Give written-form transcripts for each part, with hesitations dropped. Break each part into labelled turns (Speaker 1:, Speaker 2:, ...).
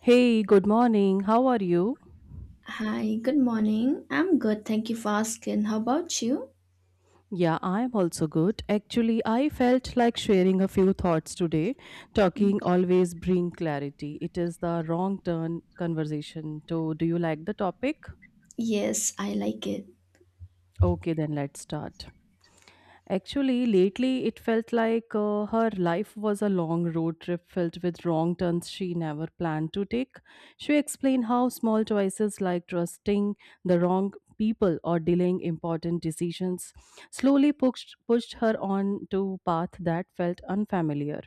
Speaker 1: Hey, good morning. How are you?
Speaker 2: Hi, good morning. I'm good. Thank you for asking. How about you?
Speaker 1: Yeah, I'm also good. Actually, I felt like sharing a few thoughts today. Talking
Speaker 2: Mm,
Speaker 1: always bring clarity. It is the wrong turn conversation. So, do you like the topic?
Speaker 2: yes, I like it.
Speaker 1: Okay, then let's start. Actually, lately it felt like her life was a long road trip filled with wrong turns she never planned to take. She explained how small choices like trusting the wrong people or delaying important decisions slowly pushed her on to path that felt unfamiliar.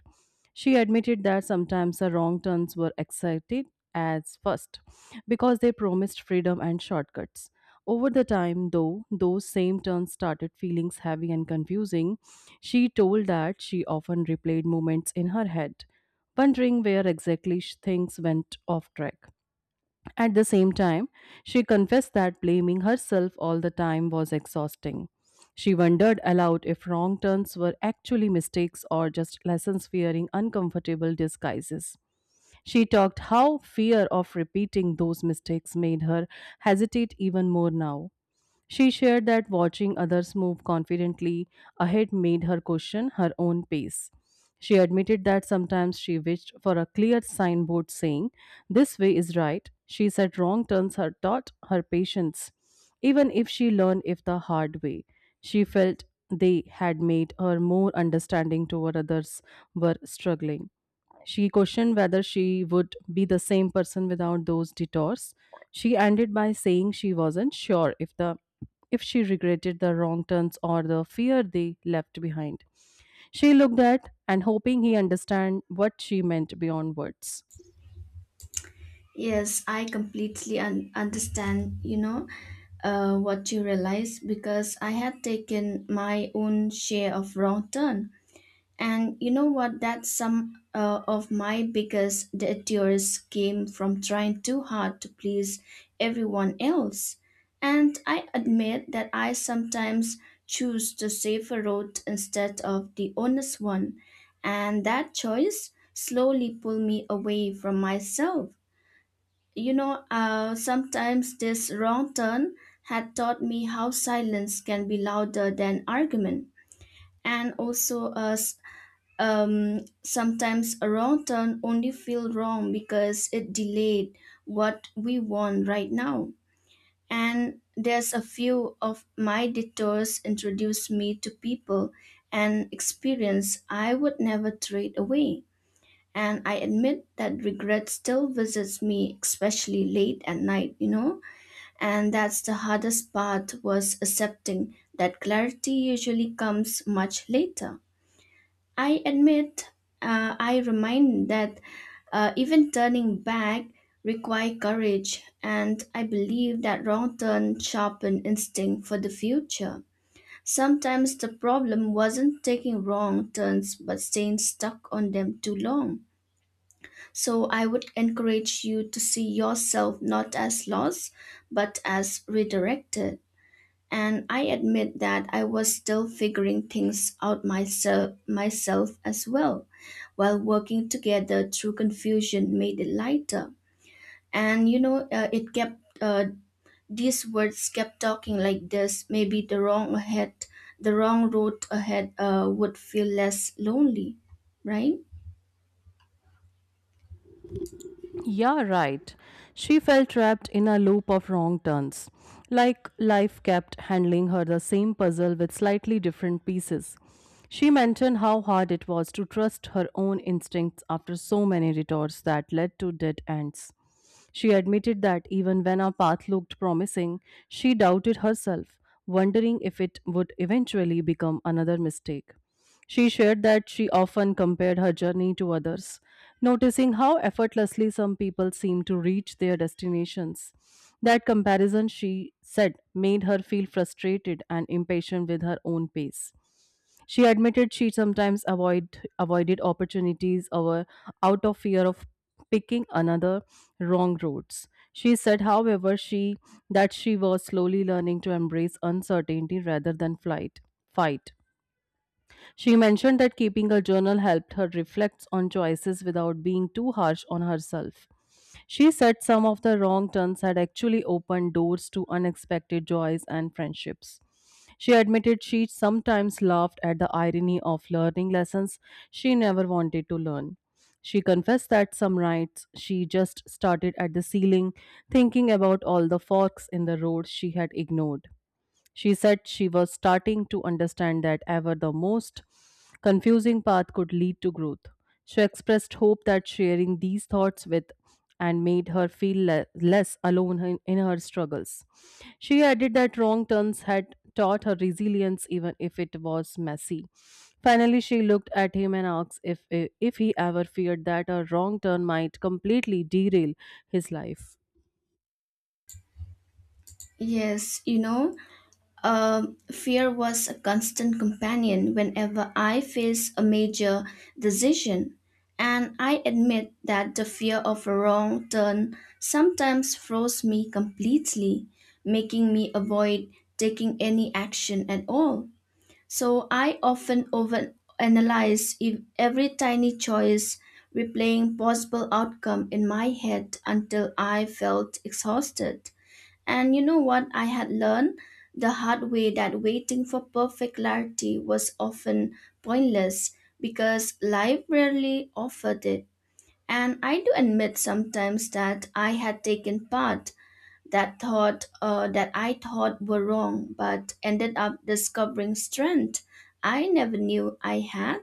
Speaker 1: She admitted that sometimes her wrong turns were excited as first because they promised freedom and shortcuts over the time, though, those same turns started feeling heavy and confusing. She told that she often replayed moments in her head, wondering where exactly things went off track. At the same time, she confessed that blaming herself all the time was exhausting. She wondered aloud if wrong turns were actually mistakes or just lessons wearing uncomfortable disguises. She talked how fear of repeating those mistakes made her hesitate even more now. She shared that watching others move confidently ahead made her question her own pace. She admitted that sometimes she wished for a clear signboard saying, this way is right. She said wrong turns her taught her patience, even if she learned it the hard way. She felt they had made her more understanding toward others were struggling. She questioned whether she would be the same person without those detours. She ended by saying she wasn't sure if she regretted the wrong turns or the fear they left behind. She looked at and hoping he understand what she meant beyond words.
Speaker 2: Yes, I completely understand, what you realize because I had taken my own share of wrong turn. And you know what? That some of my biggest detours came from trying too hard to please everyone else. And I admit that I sometimes choose the safer road instead of the honest one. And that choice slowly pulled me away from myself. Sometimes this wrong turn had taught me how silence can be louder than argument. And also, sometimes a wrong turn only feel wrong because it delayed what we want right now. And there's a few of my detours introduced me to people and experience I would never trade away. And I admit that regret still visits me, especially late at night. And that's the hardest part was accepting that clarity usually comes much later. I admit, I remind that even turning back require courage, and I believe that wrong turn sharpen instinct for the future. Sometimes the problem wasn't taking wrong turns but staying stuck on them too long. So I would encourage you to see yourself not as lost but as redirected, and I admit that I was still figuring things out myself as well. While working together through confusion made it lighter. And it kept these words kept talking like this. Maybe the wrong ahead, the wrong road ahead, would feel less lonely, right?
Speaker 1: Yeah, right. She felt trapped in a loop of wrong turns. Like life kept handling her the same puzzle with slightly different pieces. She mentioned how hard it was to trust her own instincts after so many retorts that led to dead ends. She admitted that even when a path looked promising, she doubted herself, wondering if it would eventually become another mistake. She shared that she often compared her journey to others, noticing how effortlessly some people seem to reach their destinations. That comparison, she said, made her feel frustrated and impatient with her own pace. She admitted she sometimes avoided opportunities over out of fear of picking another wrong roads. She said, however, she that she was slowly learning to embrace uncertainty rather than flight fight. She mentioned that keeping a journal helped her reflect on choices without being too harsh on herself. She said some of the wrong turns had actually opened doors to unexpected joys and friendships. She admitted she sometimes laughed at the irony of learning lessons she never wanted to learn. She confessed that some nights she just started at the ceiling, thinking about all the forks in the road she had ignored. She said she was starting to understand that ever the most confusing path could lead to growth. She expressed hope that sharing these thoughts with and made her feel less alone in her struggles. She added that wrong turns had taught her resilience even if it was messy. Finally, she looked at him and asked if he ever feared that a wrong turn might completely derail his life.
Speaker 2: Yes, you know, fear was a constant companion whenever I faced a major decision, and I admit that the fear of a wrong turn sometimes froze me completely, making me avoid taking any action at all. So I often overanalyze every tiny choice, replaying possible outcome in my head until I felt exhausted. And you know what I had learned? The hard way that waiting for perfect clarity was often pointless because life rarely offered it. And I do admit sometimes that I had taken part that thought that I thought were wrong, but ended up discovering strength I never knew I had.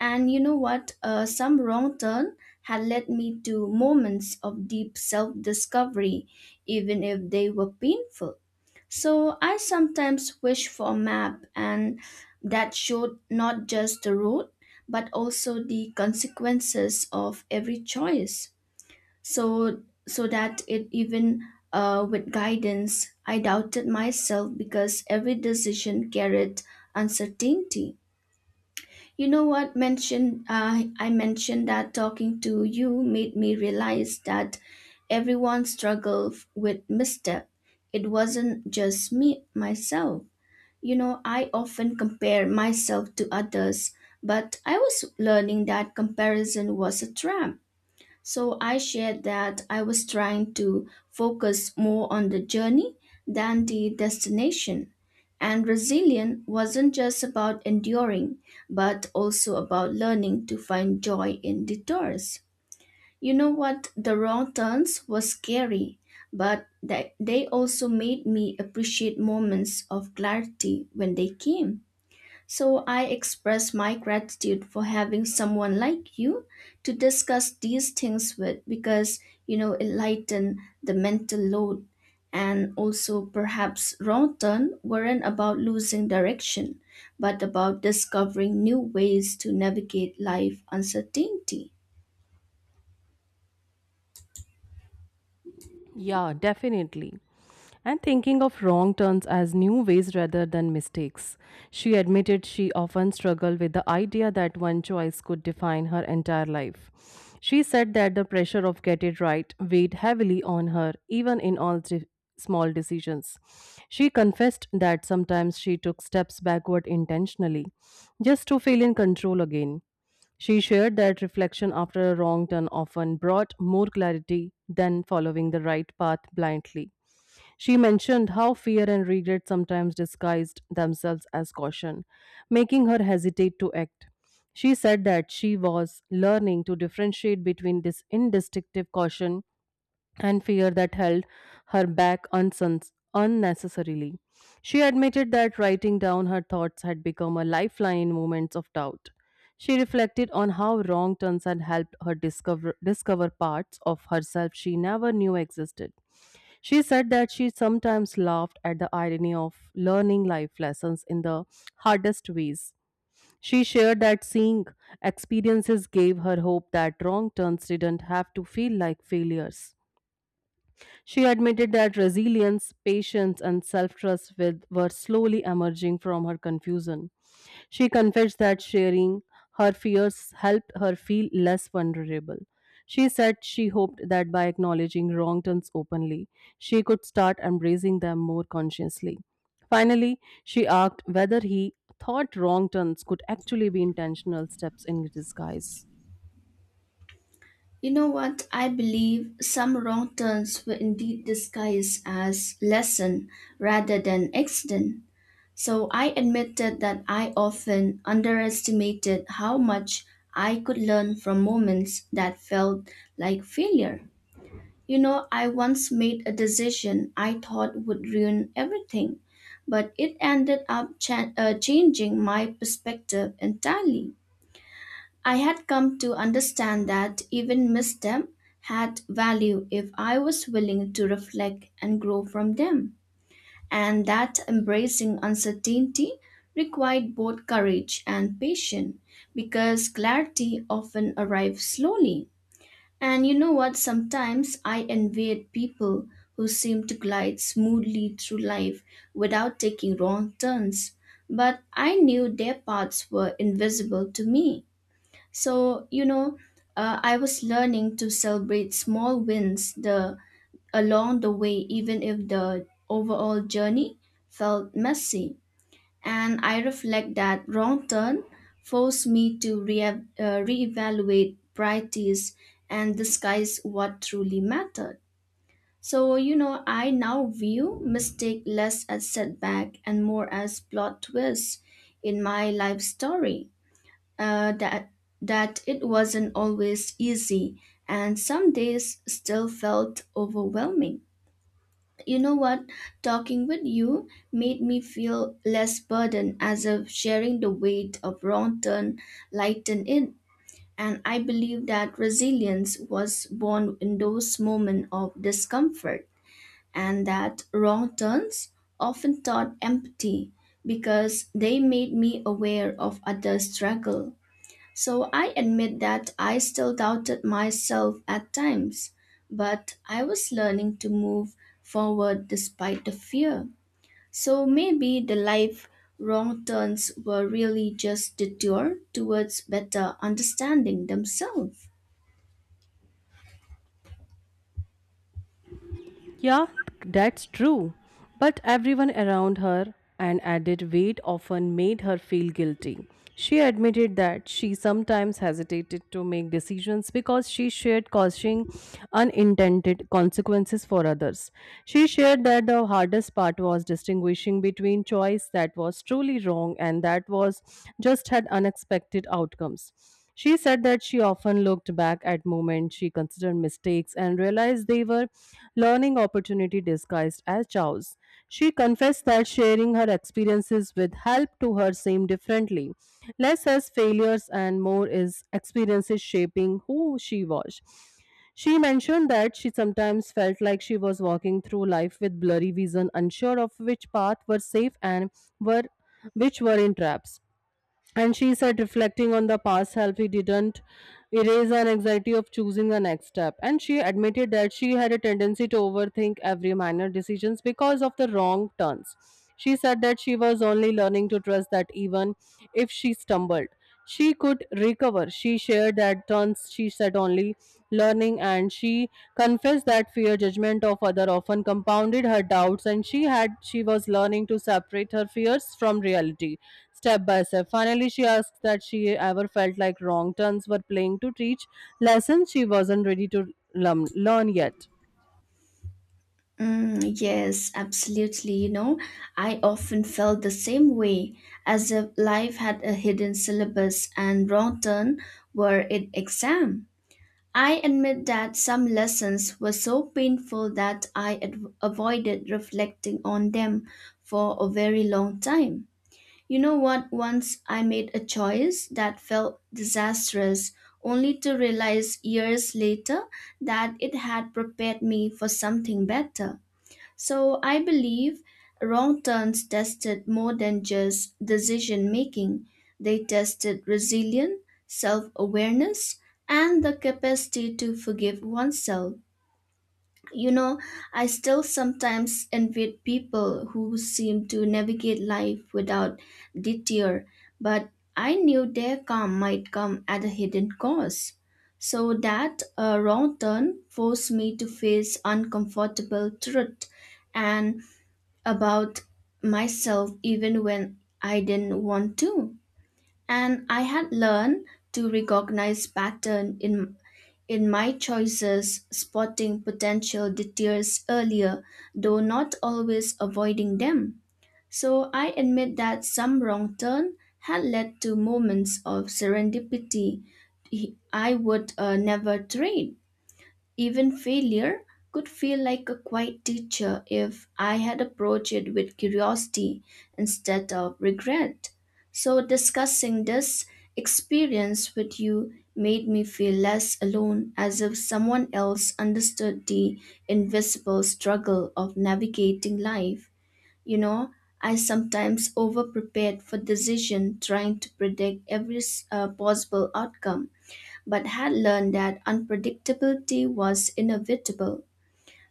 Speaker 2: And you know what? Some wrong turn had led me to moments of deep self discovery, even if they were painful. So I sometimes wish for a map and that showed not just the road, but also the consequences of every choice, so so that it even with guidance I doubted myself because every decision carried uncertainty. You know what mentioned I mentioned that talking to you made me realize that everyone struggles with misstep. It wasn't just me myself. You know, I often compare myself to others, but I was learning that comparison was a trap. So I shared that I was trying to focus more on the journey than the destination. And resilient wasn't just about enduring, but also about learning to find joy in detours. You know what? The wrong turns were scary, but they also made me appreciate moments of clarity when they came. So I express my gratitude for having someone like you to discuss these things with because you know it lighten the mental load, and also perhaps wrong turn weren't about losing direction but about discovering new ways to navigate life uncertainty.
Speaker 1: Yeah, definitely. And thinking of wrong turns as new ways rather than mistakes. She admitted she often struggled with the idea that one choice could define her entire life. She said that the pressure of get it right weighed heavily on her, even in all small decisions. She confessed that sometimes she took steps backward intentionally, just to feel in control again. She shared that reflection after a wrong turn often brought more clarity than following the right path blindly. She mentioned how fear and regret sometimes disguised themselves as caution, making her hesitate to act. She said that she was learning to differentiate between this indistinctive caution and fear that held her back unnecessarily. She admitted that writing down her thoughts had become a lifeline in moments of doubt. She reflected on how wrong turns had helped her discover parts of herself she never knew existed. She said that she sometimes laughed at the irony of learning life lessons in the hardest ways. She shared that seeing experiences gave her hope that wrong turns didn't have to feel like failures. She admitted that resilience, patience, and self trust were slowly emerging from her confusion. She confessed that sharing her fears helped her feel less vulnerable. She said she hoped that by acknowledging wrong turns openly, she could start embracing them more consciously. Finally, she asked whether he thought wrong turns could actually be intentional steps in disguise.
Speaker 2: You know what? I believe some wrong turns were indeed disguised as lesson rather than accident. So I admitted that I often underestimated how much I could learn from moments that felt like failure. You know, I once made a decision I thought would ruin everything, but it ended up changing my perspective entirely. I had come to understand that even misstep had value if I was willing to reflect and grow from them, and that embracing uncertainty required both courage and patience because clarity often arrives slowly. And you know what? Sometimes I envied people who seem to glide smoothly through life without taking wrong turns, but I knew their paths were invisible to me. So, I was learning to celebrate small wins, the along the way, even if the overall journey felt messy. And I reflect that wrong turn forced me to reevaluate priorities and disguise what truly mattered. So, you know, I now view mistake less as setback and more as plot twist in my life story. Uh, that that it wasn't always easy, and some days still felt overwhelming. You know what? Talking with you made me feel less burdened, as if sharing the weight of wrong turn lightened it. And I believe that resilience was born in those moments of discomfort, and that wrong turns often taught empathy because they made me aware of others' struggle. So I admit that I still doubted myself at times, but I was learning to move forward despite the fear. So maybe the life wrong turns were really just detour towards better understanding themselves.
Speaker 1: Yeah, that's true. But everyone around her and added weight often made her feel guilty. She admitted that she sometimes hesitated to make decisions because she shared causing unintended consequences for others. She shared that the hardest part was distinguishing between choice that was truly wrong and that was just had unexpected outcomes. She said that she often looked back at moments she considered mistakes and realized they were learning opportunity disguised as chows. She confessed that sharing her experiences with help to her seemed differently, less as failures and more as experiences shaping who she was. She mentioned that she sometimes felt like she was walking through life with blurry vision, unsure of which path were safe and were which were in traps. And she said, reflecting on the past self, he didn't erase an anxiety of choosing the next step. And she admitted that she had a tendency to overthink every minor decisions because of the wrong turns. She said that she was only learning to trust that even if she stumbled, she could recover. She shared that turns she said only learning, and she confessed that fear judgment of other often compounded her doubts, and she was learning to separate her fears from reality step by step. Finally, she asked that she ever felt like wrong turns were playing to teach lessons she wasn't ready to learn yet.
Speaker 2: Mm, yes, absolutely. You know, I often felt the same way, as if life had a hidden syllabus and wrong turn were it exam. I admit that some lessons were so painful that I avoided reflecting on them for a very long time. You know what? Once I made a choice that felt disastrous, only to realize years later that it had prepared me for something better. So I believe wrong turns tested more than just decision making. They tested resilience, self awareness, and the capacity to forgive oneself. You know, I still sometimes envy people who seem to navigate life without detour, but I knew their calm might come at a hidden cost. So that wrong turn forced me to face uncomfortable truth and about myself even when I didn't want to. And I had learned to recognize pattern in my choices, spotting potential detours earlier, though not always avoiding them. So I admit that some wrong turn had led to moments of serendipity I would never trade. Even failure could feel like a quiet teacher if I had approached it with curiosity instead of regret. So, discussing this experience with you made me feel less alone, as if someone else understood the invisible struggle of navigating life. You know, I sometimes over prepared for decision, trying to predict every possible outcome but had learned that unpredictability was inevitable.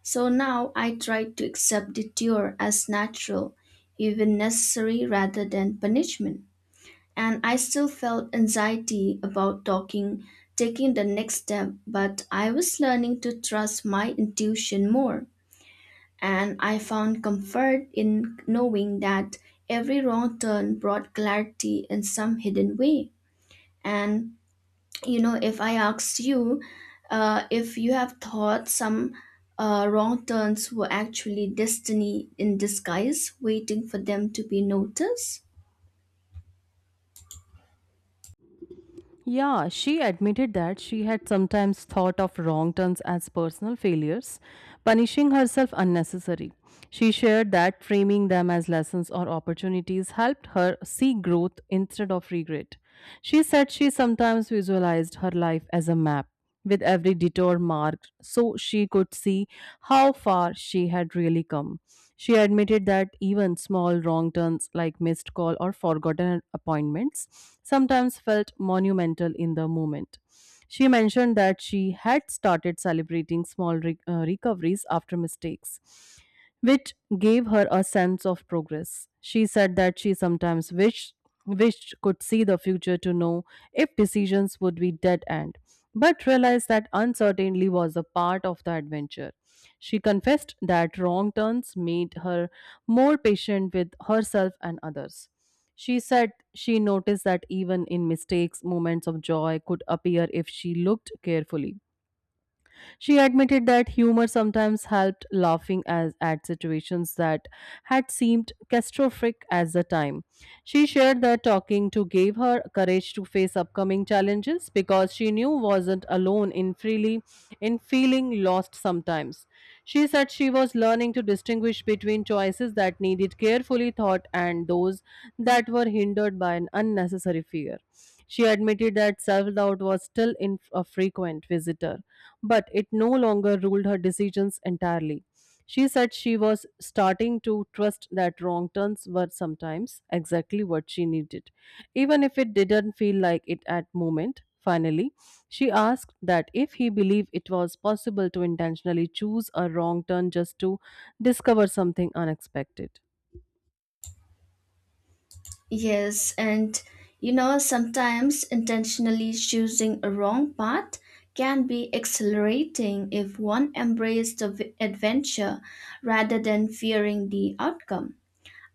Speaker 2: So now I tried to accept detour as natural, even necessary rather than punishment. And I still felt anxiety about taking the next step, but I was learning to trust my intuition more. And I found comfort in knowing that every wrong turn brought clarity in some hidden way. And you know, if I asked you if you have thought some wrong turns were actually destiny in disguise waiting for them to be noticed.
Speaker 1: Yeah, she admitted that she had sometimes thought of wrong turns as personal failures, punishing herself unnecessary. She shared that framing them as lessons or opportunities helped her see growth instead of regret. She said she sometimes visualized her life as a map with every detour marked so she could see how far she had really come. She admitted that even small wrong turns like missed call or forgotten appointments sometimes felt monumental in the moment. She mentioned that she had started celebrating small recoveries after mistakes which gave her a sense of progress. She said that she sometimes wished could see the future to know if decisions would be dead end, but realized that uncertainty was a part of the adventure. She confessed that wrong turns made her more patient with herself and others. She said she noticed that even in mistakes, moments of joy could appear if she looked carefully. She admitted that humor sometimes helped laughing at situations that had seemed catastrophic at the time. She shared that talking to gave her courage to face upcoming challenges because she knew wasn't alone in feeling lost sometimes. She said she was learning to distinguish between choices that needed carefully thought and those that were hindered by an unnecessary fear. She admitted that self doubt was still in a frequent visitor, but it no longer ruled her decisions entirely. She said she was starting to trust that wrong turns were sometimes exactly what she needed, even if it didn't feel like it at moment. Finally, she asked that if he believed it was possible to intentionally choose a wrong turn just to discover something unexpected.
Speaker 2: Yes, and you know, sometimes intentionally choosing a wrong path can be exhilarating if one embraced the adventure rather than fearing the outcome.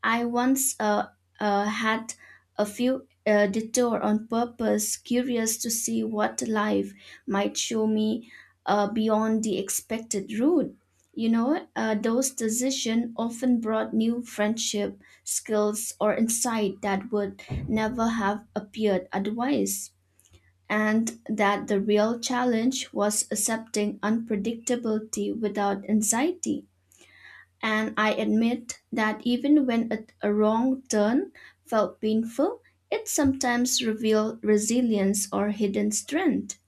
Speaker 2: I once had a few detour on purpose, curious to see what life might show me beyond the expected route. You know, those decisions often brought new friendship, skills, or insight that would never have appeared otherwise. And that the real challenge was accepting unpredictability without anxiety. And I admit that even when a wrong turn felt painful, it sometimes revealed resilience or hidden strength.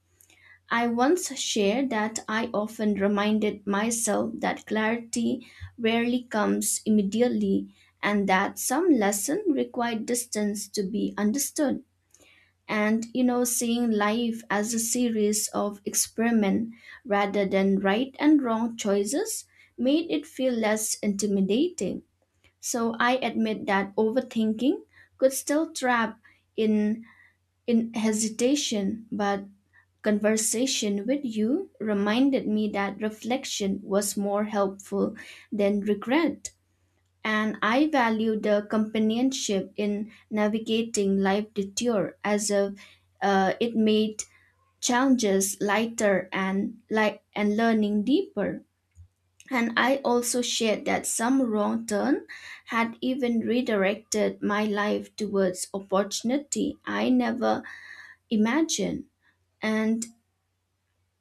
Speaker 2: I once shared that I often reminded myself that clarity rarely comes immediately, and that some lesson required distance to be understood. And you know, seeing life as a series of experiment rather than right and wrong choices made it feel less intimidating. So I admit that overthinking could still trap in in hesitation, but conversation with you reminded me that reflection was more helpful than regret. And I value the companionship in navigating life detour, as if it made challenges lighter and and learning deeper. And I also shared that some wrong turn had even redirected my life towards opportunity I never imagined. And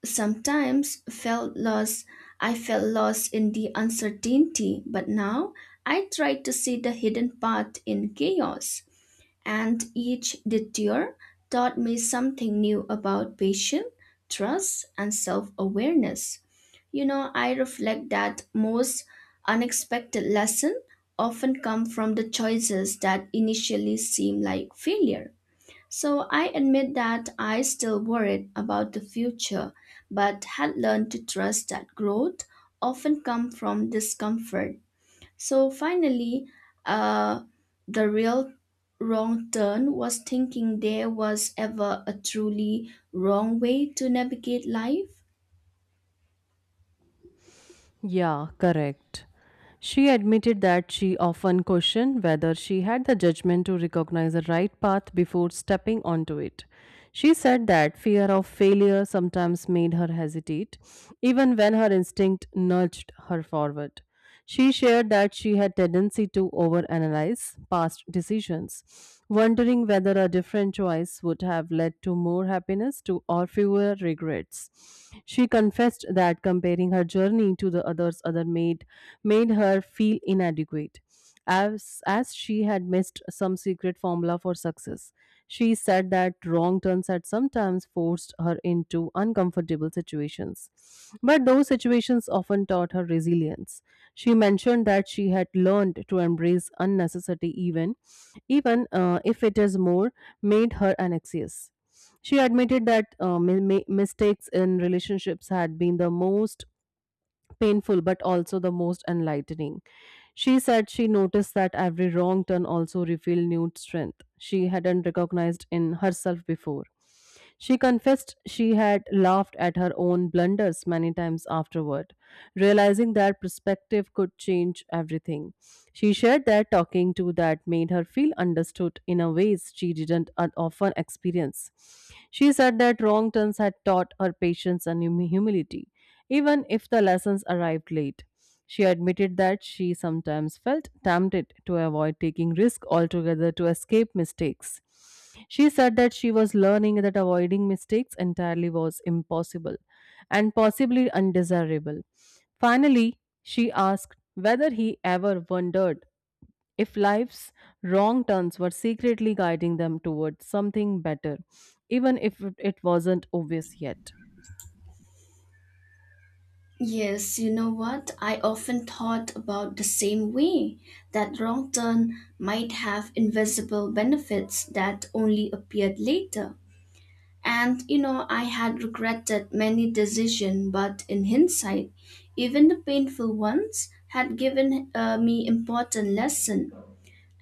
Speaker 2: sometimes felt lost. I felt lost in the uncertainty, but now I try to see the hidden path in chaos. And each detour taught me something new about patience, trust, and self-awareness. You know, I reflect that most unexpected lessons often come from the choices that initially seem like failure. So I admit that I still worried about the future, but had learned to trust that growth often come from discomfort. So finally, uh, the real wrong turn was thinking there was ever a truly wrong way to navigate life.
Speaker 1: Yeah, correct. She admitted that she often questioned whether she had the judgment to recognize the right path before stepping onto it. She said that fear of failure sometimes made her hesitate, even when her instinct nudged her forward. She shared that she had tendency to overanalyze past decisions, wondering whether a different choice would have led to more happiness to or fewer regrets. She confessed that comparing her journey to the others other made her feel inadequate as she had missed some secret formula for success. She said that wrong turns had sometimes forced her into uncomfortable situations, but those situations often taught her resilience. She mentioned that she had learned to embrace unnecessity even if it is more, made her anxious. She admitted that mistakes in relationships had been the most painful but also the most enlightening. She said she noticed that every wrong turn also revealed new strength she hadn't recognized in herself before. She confessed she had laughed at her own blunders many times afterward, realizing that perspective could change everything. She shared that talking to that made her feel understood in a ways she didn't often experience. She said that wrong turns had taught her patience and humility, even if the lessons arrived late. She admitted that she sometimes felt tempted to avoid taking risk altogether to escape mistakes. She said that she was learning that avoiding mistakes entirely was impossible and possibly undesirable. Finally, she asked whether he ever wondered if life's wrong turns were secretly guiding them towards something better, even if it wasn't obvious yet.
Speaker 2: Yes, you know what? I often thought about the same way that wrong turn might have invisible benefits that only appeared later. And you know, I had regretted many decisions, but in hindsight, even the painful ones had given me important lesson.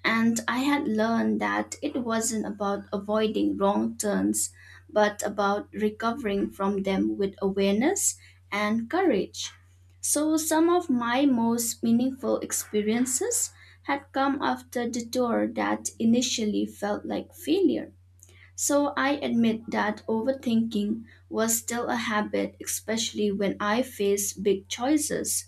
Speaker 2: And I had learned that it wasn't about avoiding wrong turns, but about recovering from them with awareness and courage. So some of my most meaningful experiences had come after detour that initially felt like failure. So I admit that overthinking was still a habit, especially when I faced big choices.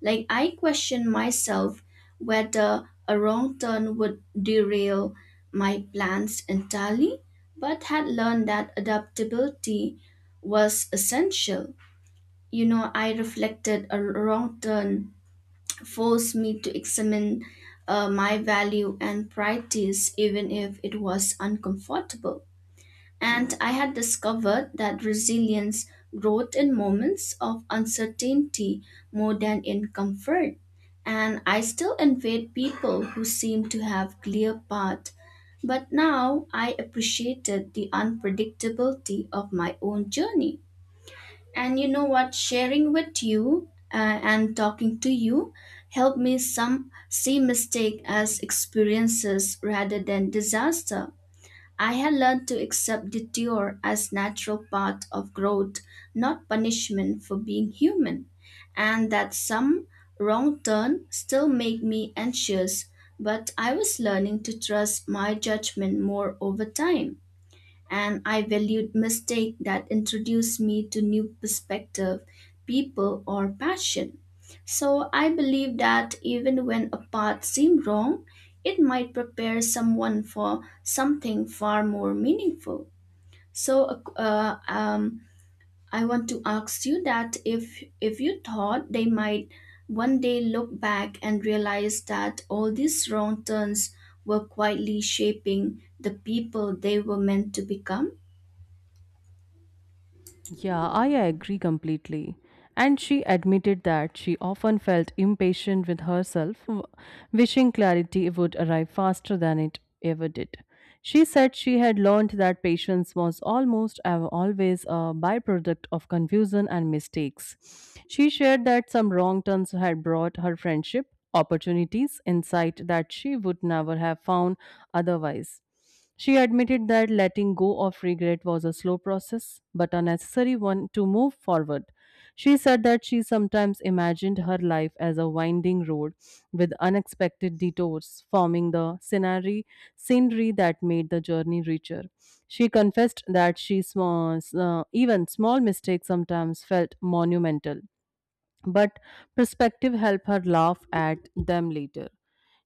Speaker 2: Like I questioned myself whether a wrong turn would derail my plans entirely, but had learned that adaptability was essential. You know, I reflected a wrong turn forced me to examine my value and priorities, even if it was uncomfortable. And I had discovered that resilience growth in moments of uncertainty more than in comfort. And I still envied people who seemed to have clear path. But now I appreciated the unpredictability of my own journey. And you know what? Sharing with you and talking to you helped me some see mistake as experiences rather than disaster. I had learned to accept detour as natural part of growth, not punishment for being human, and that some wrong turn still made me anxious, but I was learning to trust my judgment more over time, and I valued mistake that introduced me to new perspective, people or passion. So I believe that even when a path seemed wrong, it might prepare someone for something far more meaningful. So I want to ask you that if you thought they might one day look back and realize that all these wrong turns were quietly shaping the people they were meant to become.
Speaker 1: Yeah, I agree completely. And she admitted that she often felt impatient with herself, wishing clarity would arrive faster than it ever did. She said she had learned that patience was almost always a byproduct of confusion and mistakes. She shared that some wrong turns had brought her friendship, opportunities, insight that she would never have found otherwise. She admitted that letting go of regret was a slow process, but a necessary one to move forward. She said that she sometimes imagined her life as a winding road with unexpected detours, forming scenery that made the journey richer. She confessed that even small mistakes sometimes felt monumental, but perspective helped her laugh at them later.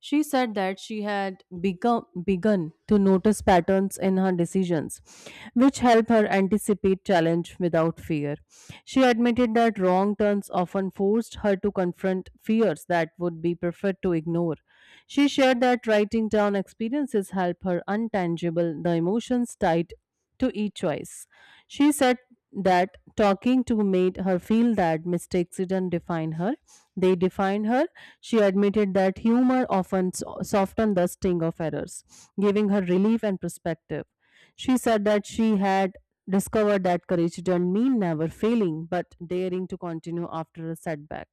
Speaker 1: She said that she had begun to notice patterns in her decisions, which help her anticipate challenge without fear. She admitted that wrong turns often forced her to confront fears that would be preferred to ignore. She shared that writing down experiences help her untangible the emotions tied to each choice. She said that talking to made her feel that mistakes didn't define her, they defined her. She admitted that humor often softened the sting of errors, giving her relief and perspective. She said that she had discovered that courage didn't mean never failing, but daring to continue after a setback.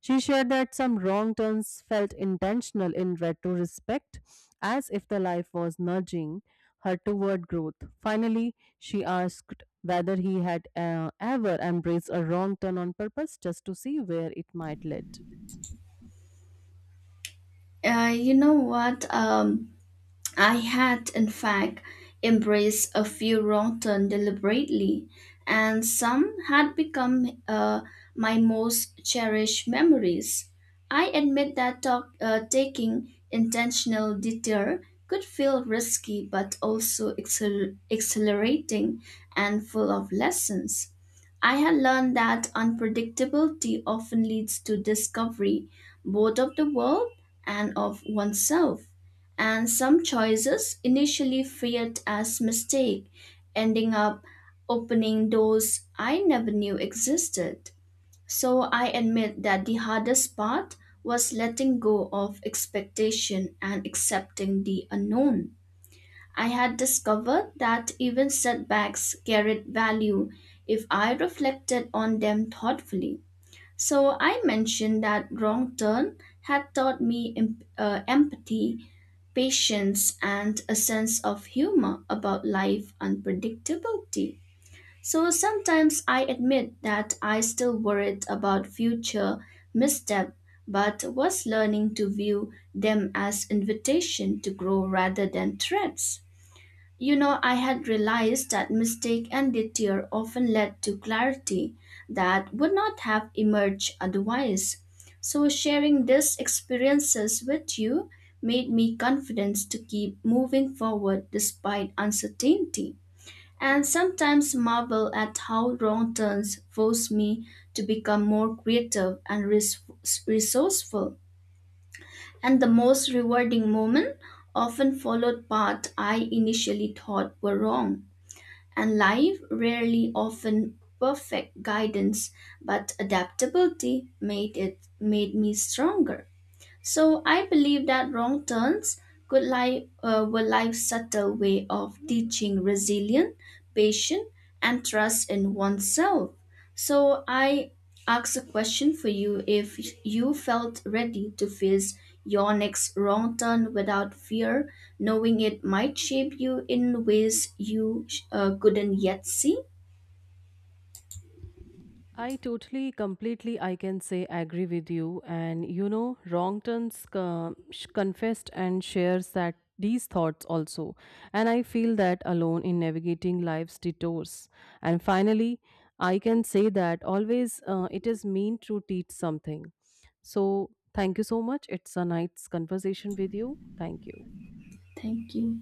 Speaker 1: She shared that some wrong turns felt intentional in retrospect, as if the life was nudging her toward growth. Finally, she asked whether he had ever embraced a wrong turn on purpose just to see where it might lead.
Speaker 2: You know what? I had, in fact, embraced a few wrong turns deliberately, and some had become my most cherished memories. I admit that taking intentional detour could feel risky, but also exhilarating and full of lessons. I had learned that unpredictability often leads to discovery, both of the world and of oneself. And some choices, initially feared as mistake, ending up opening doors I never knew existed. So I admit that the hardest part was letting go of expectation and accepting the unknown. I had discovered that even setbacks carried value if I reflected on them thoughtfully. So I mentioned that Wrong Turn had taught me empathy, patience, and a sense of humor about life unpredictability. So sometimes I admit that I still worried about future misstep, but was learning to view them as invitation to grow rather than threats. You know, I had realized that mistake and detour often led to clarity that would not have emerged otherwise. So, sharing these experiences with you made me confident to keep moving forward despite uncertainty. And sometimes marvel at how wrong turns force me to become more creative and resourceful. And the most rewarding moment often followed paths I initially thought were wrong, and life rarely often perfect guidance, but adaptability made it made me stronger. So I believe that wrong turns could lie were life's subtle way of teaching resilience, patience, and trust in oneself. So I ask a question for you: If you felt ready to face your next wrong turn without fear, knowing it might shape you in ways you couldn't yet see.
Speaker 1: I totally, completely, I can say, agree with you. And you know, Wrong Turns confessed and shares that these thoughts also. And I feel that alone in navigating life's detours. And finally, I can say that always it is meant to teach something. So, thank you so much. It's a nice conversation with you. Thank you.
Speaker 2: Thank you.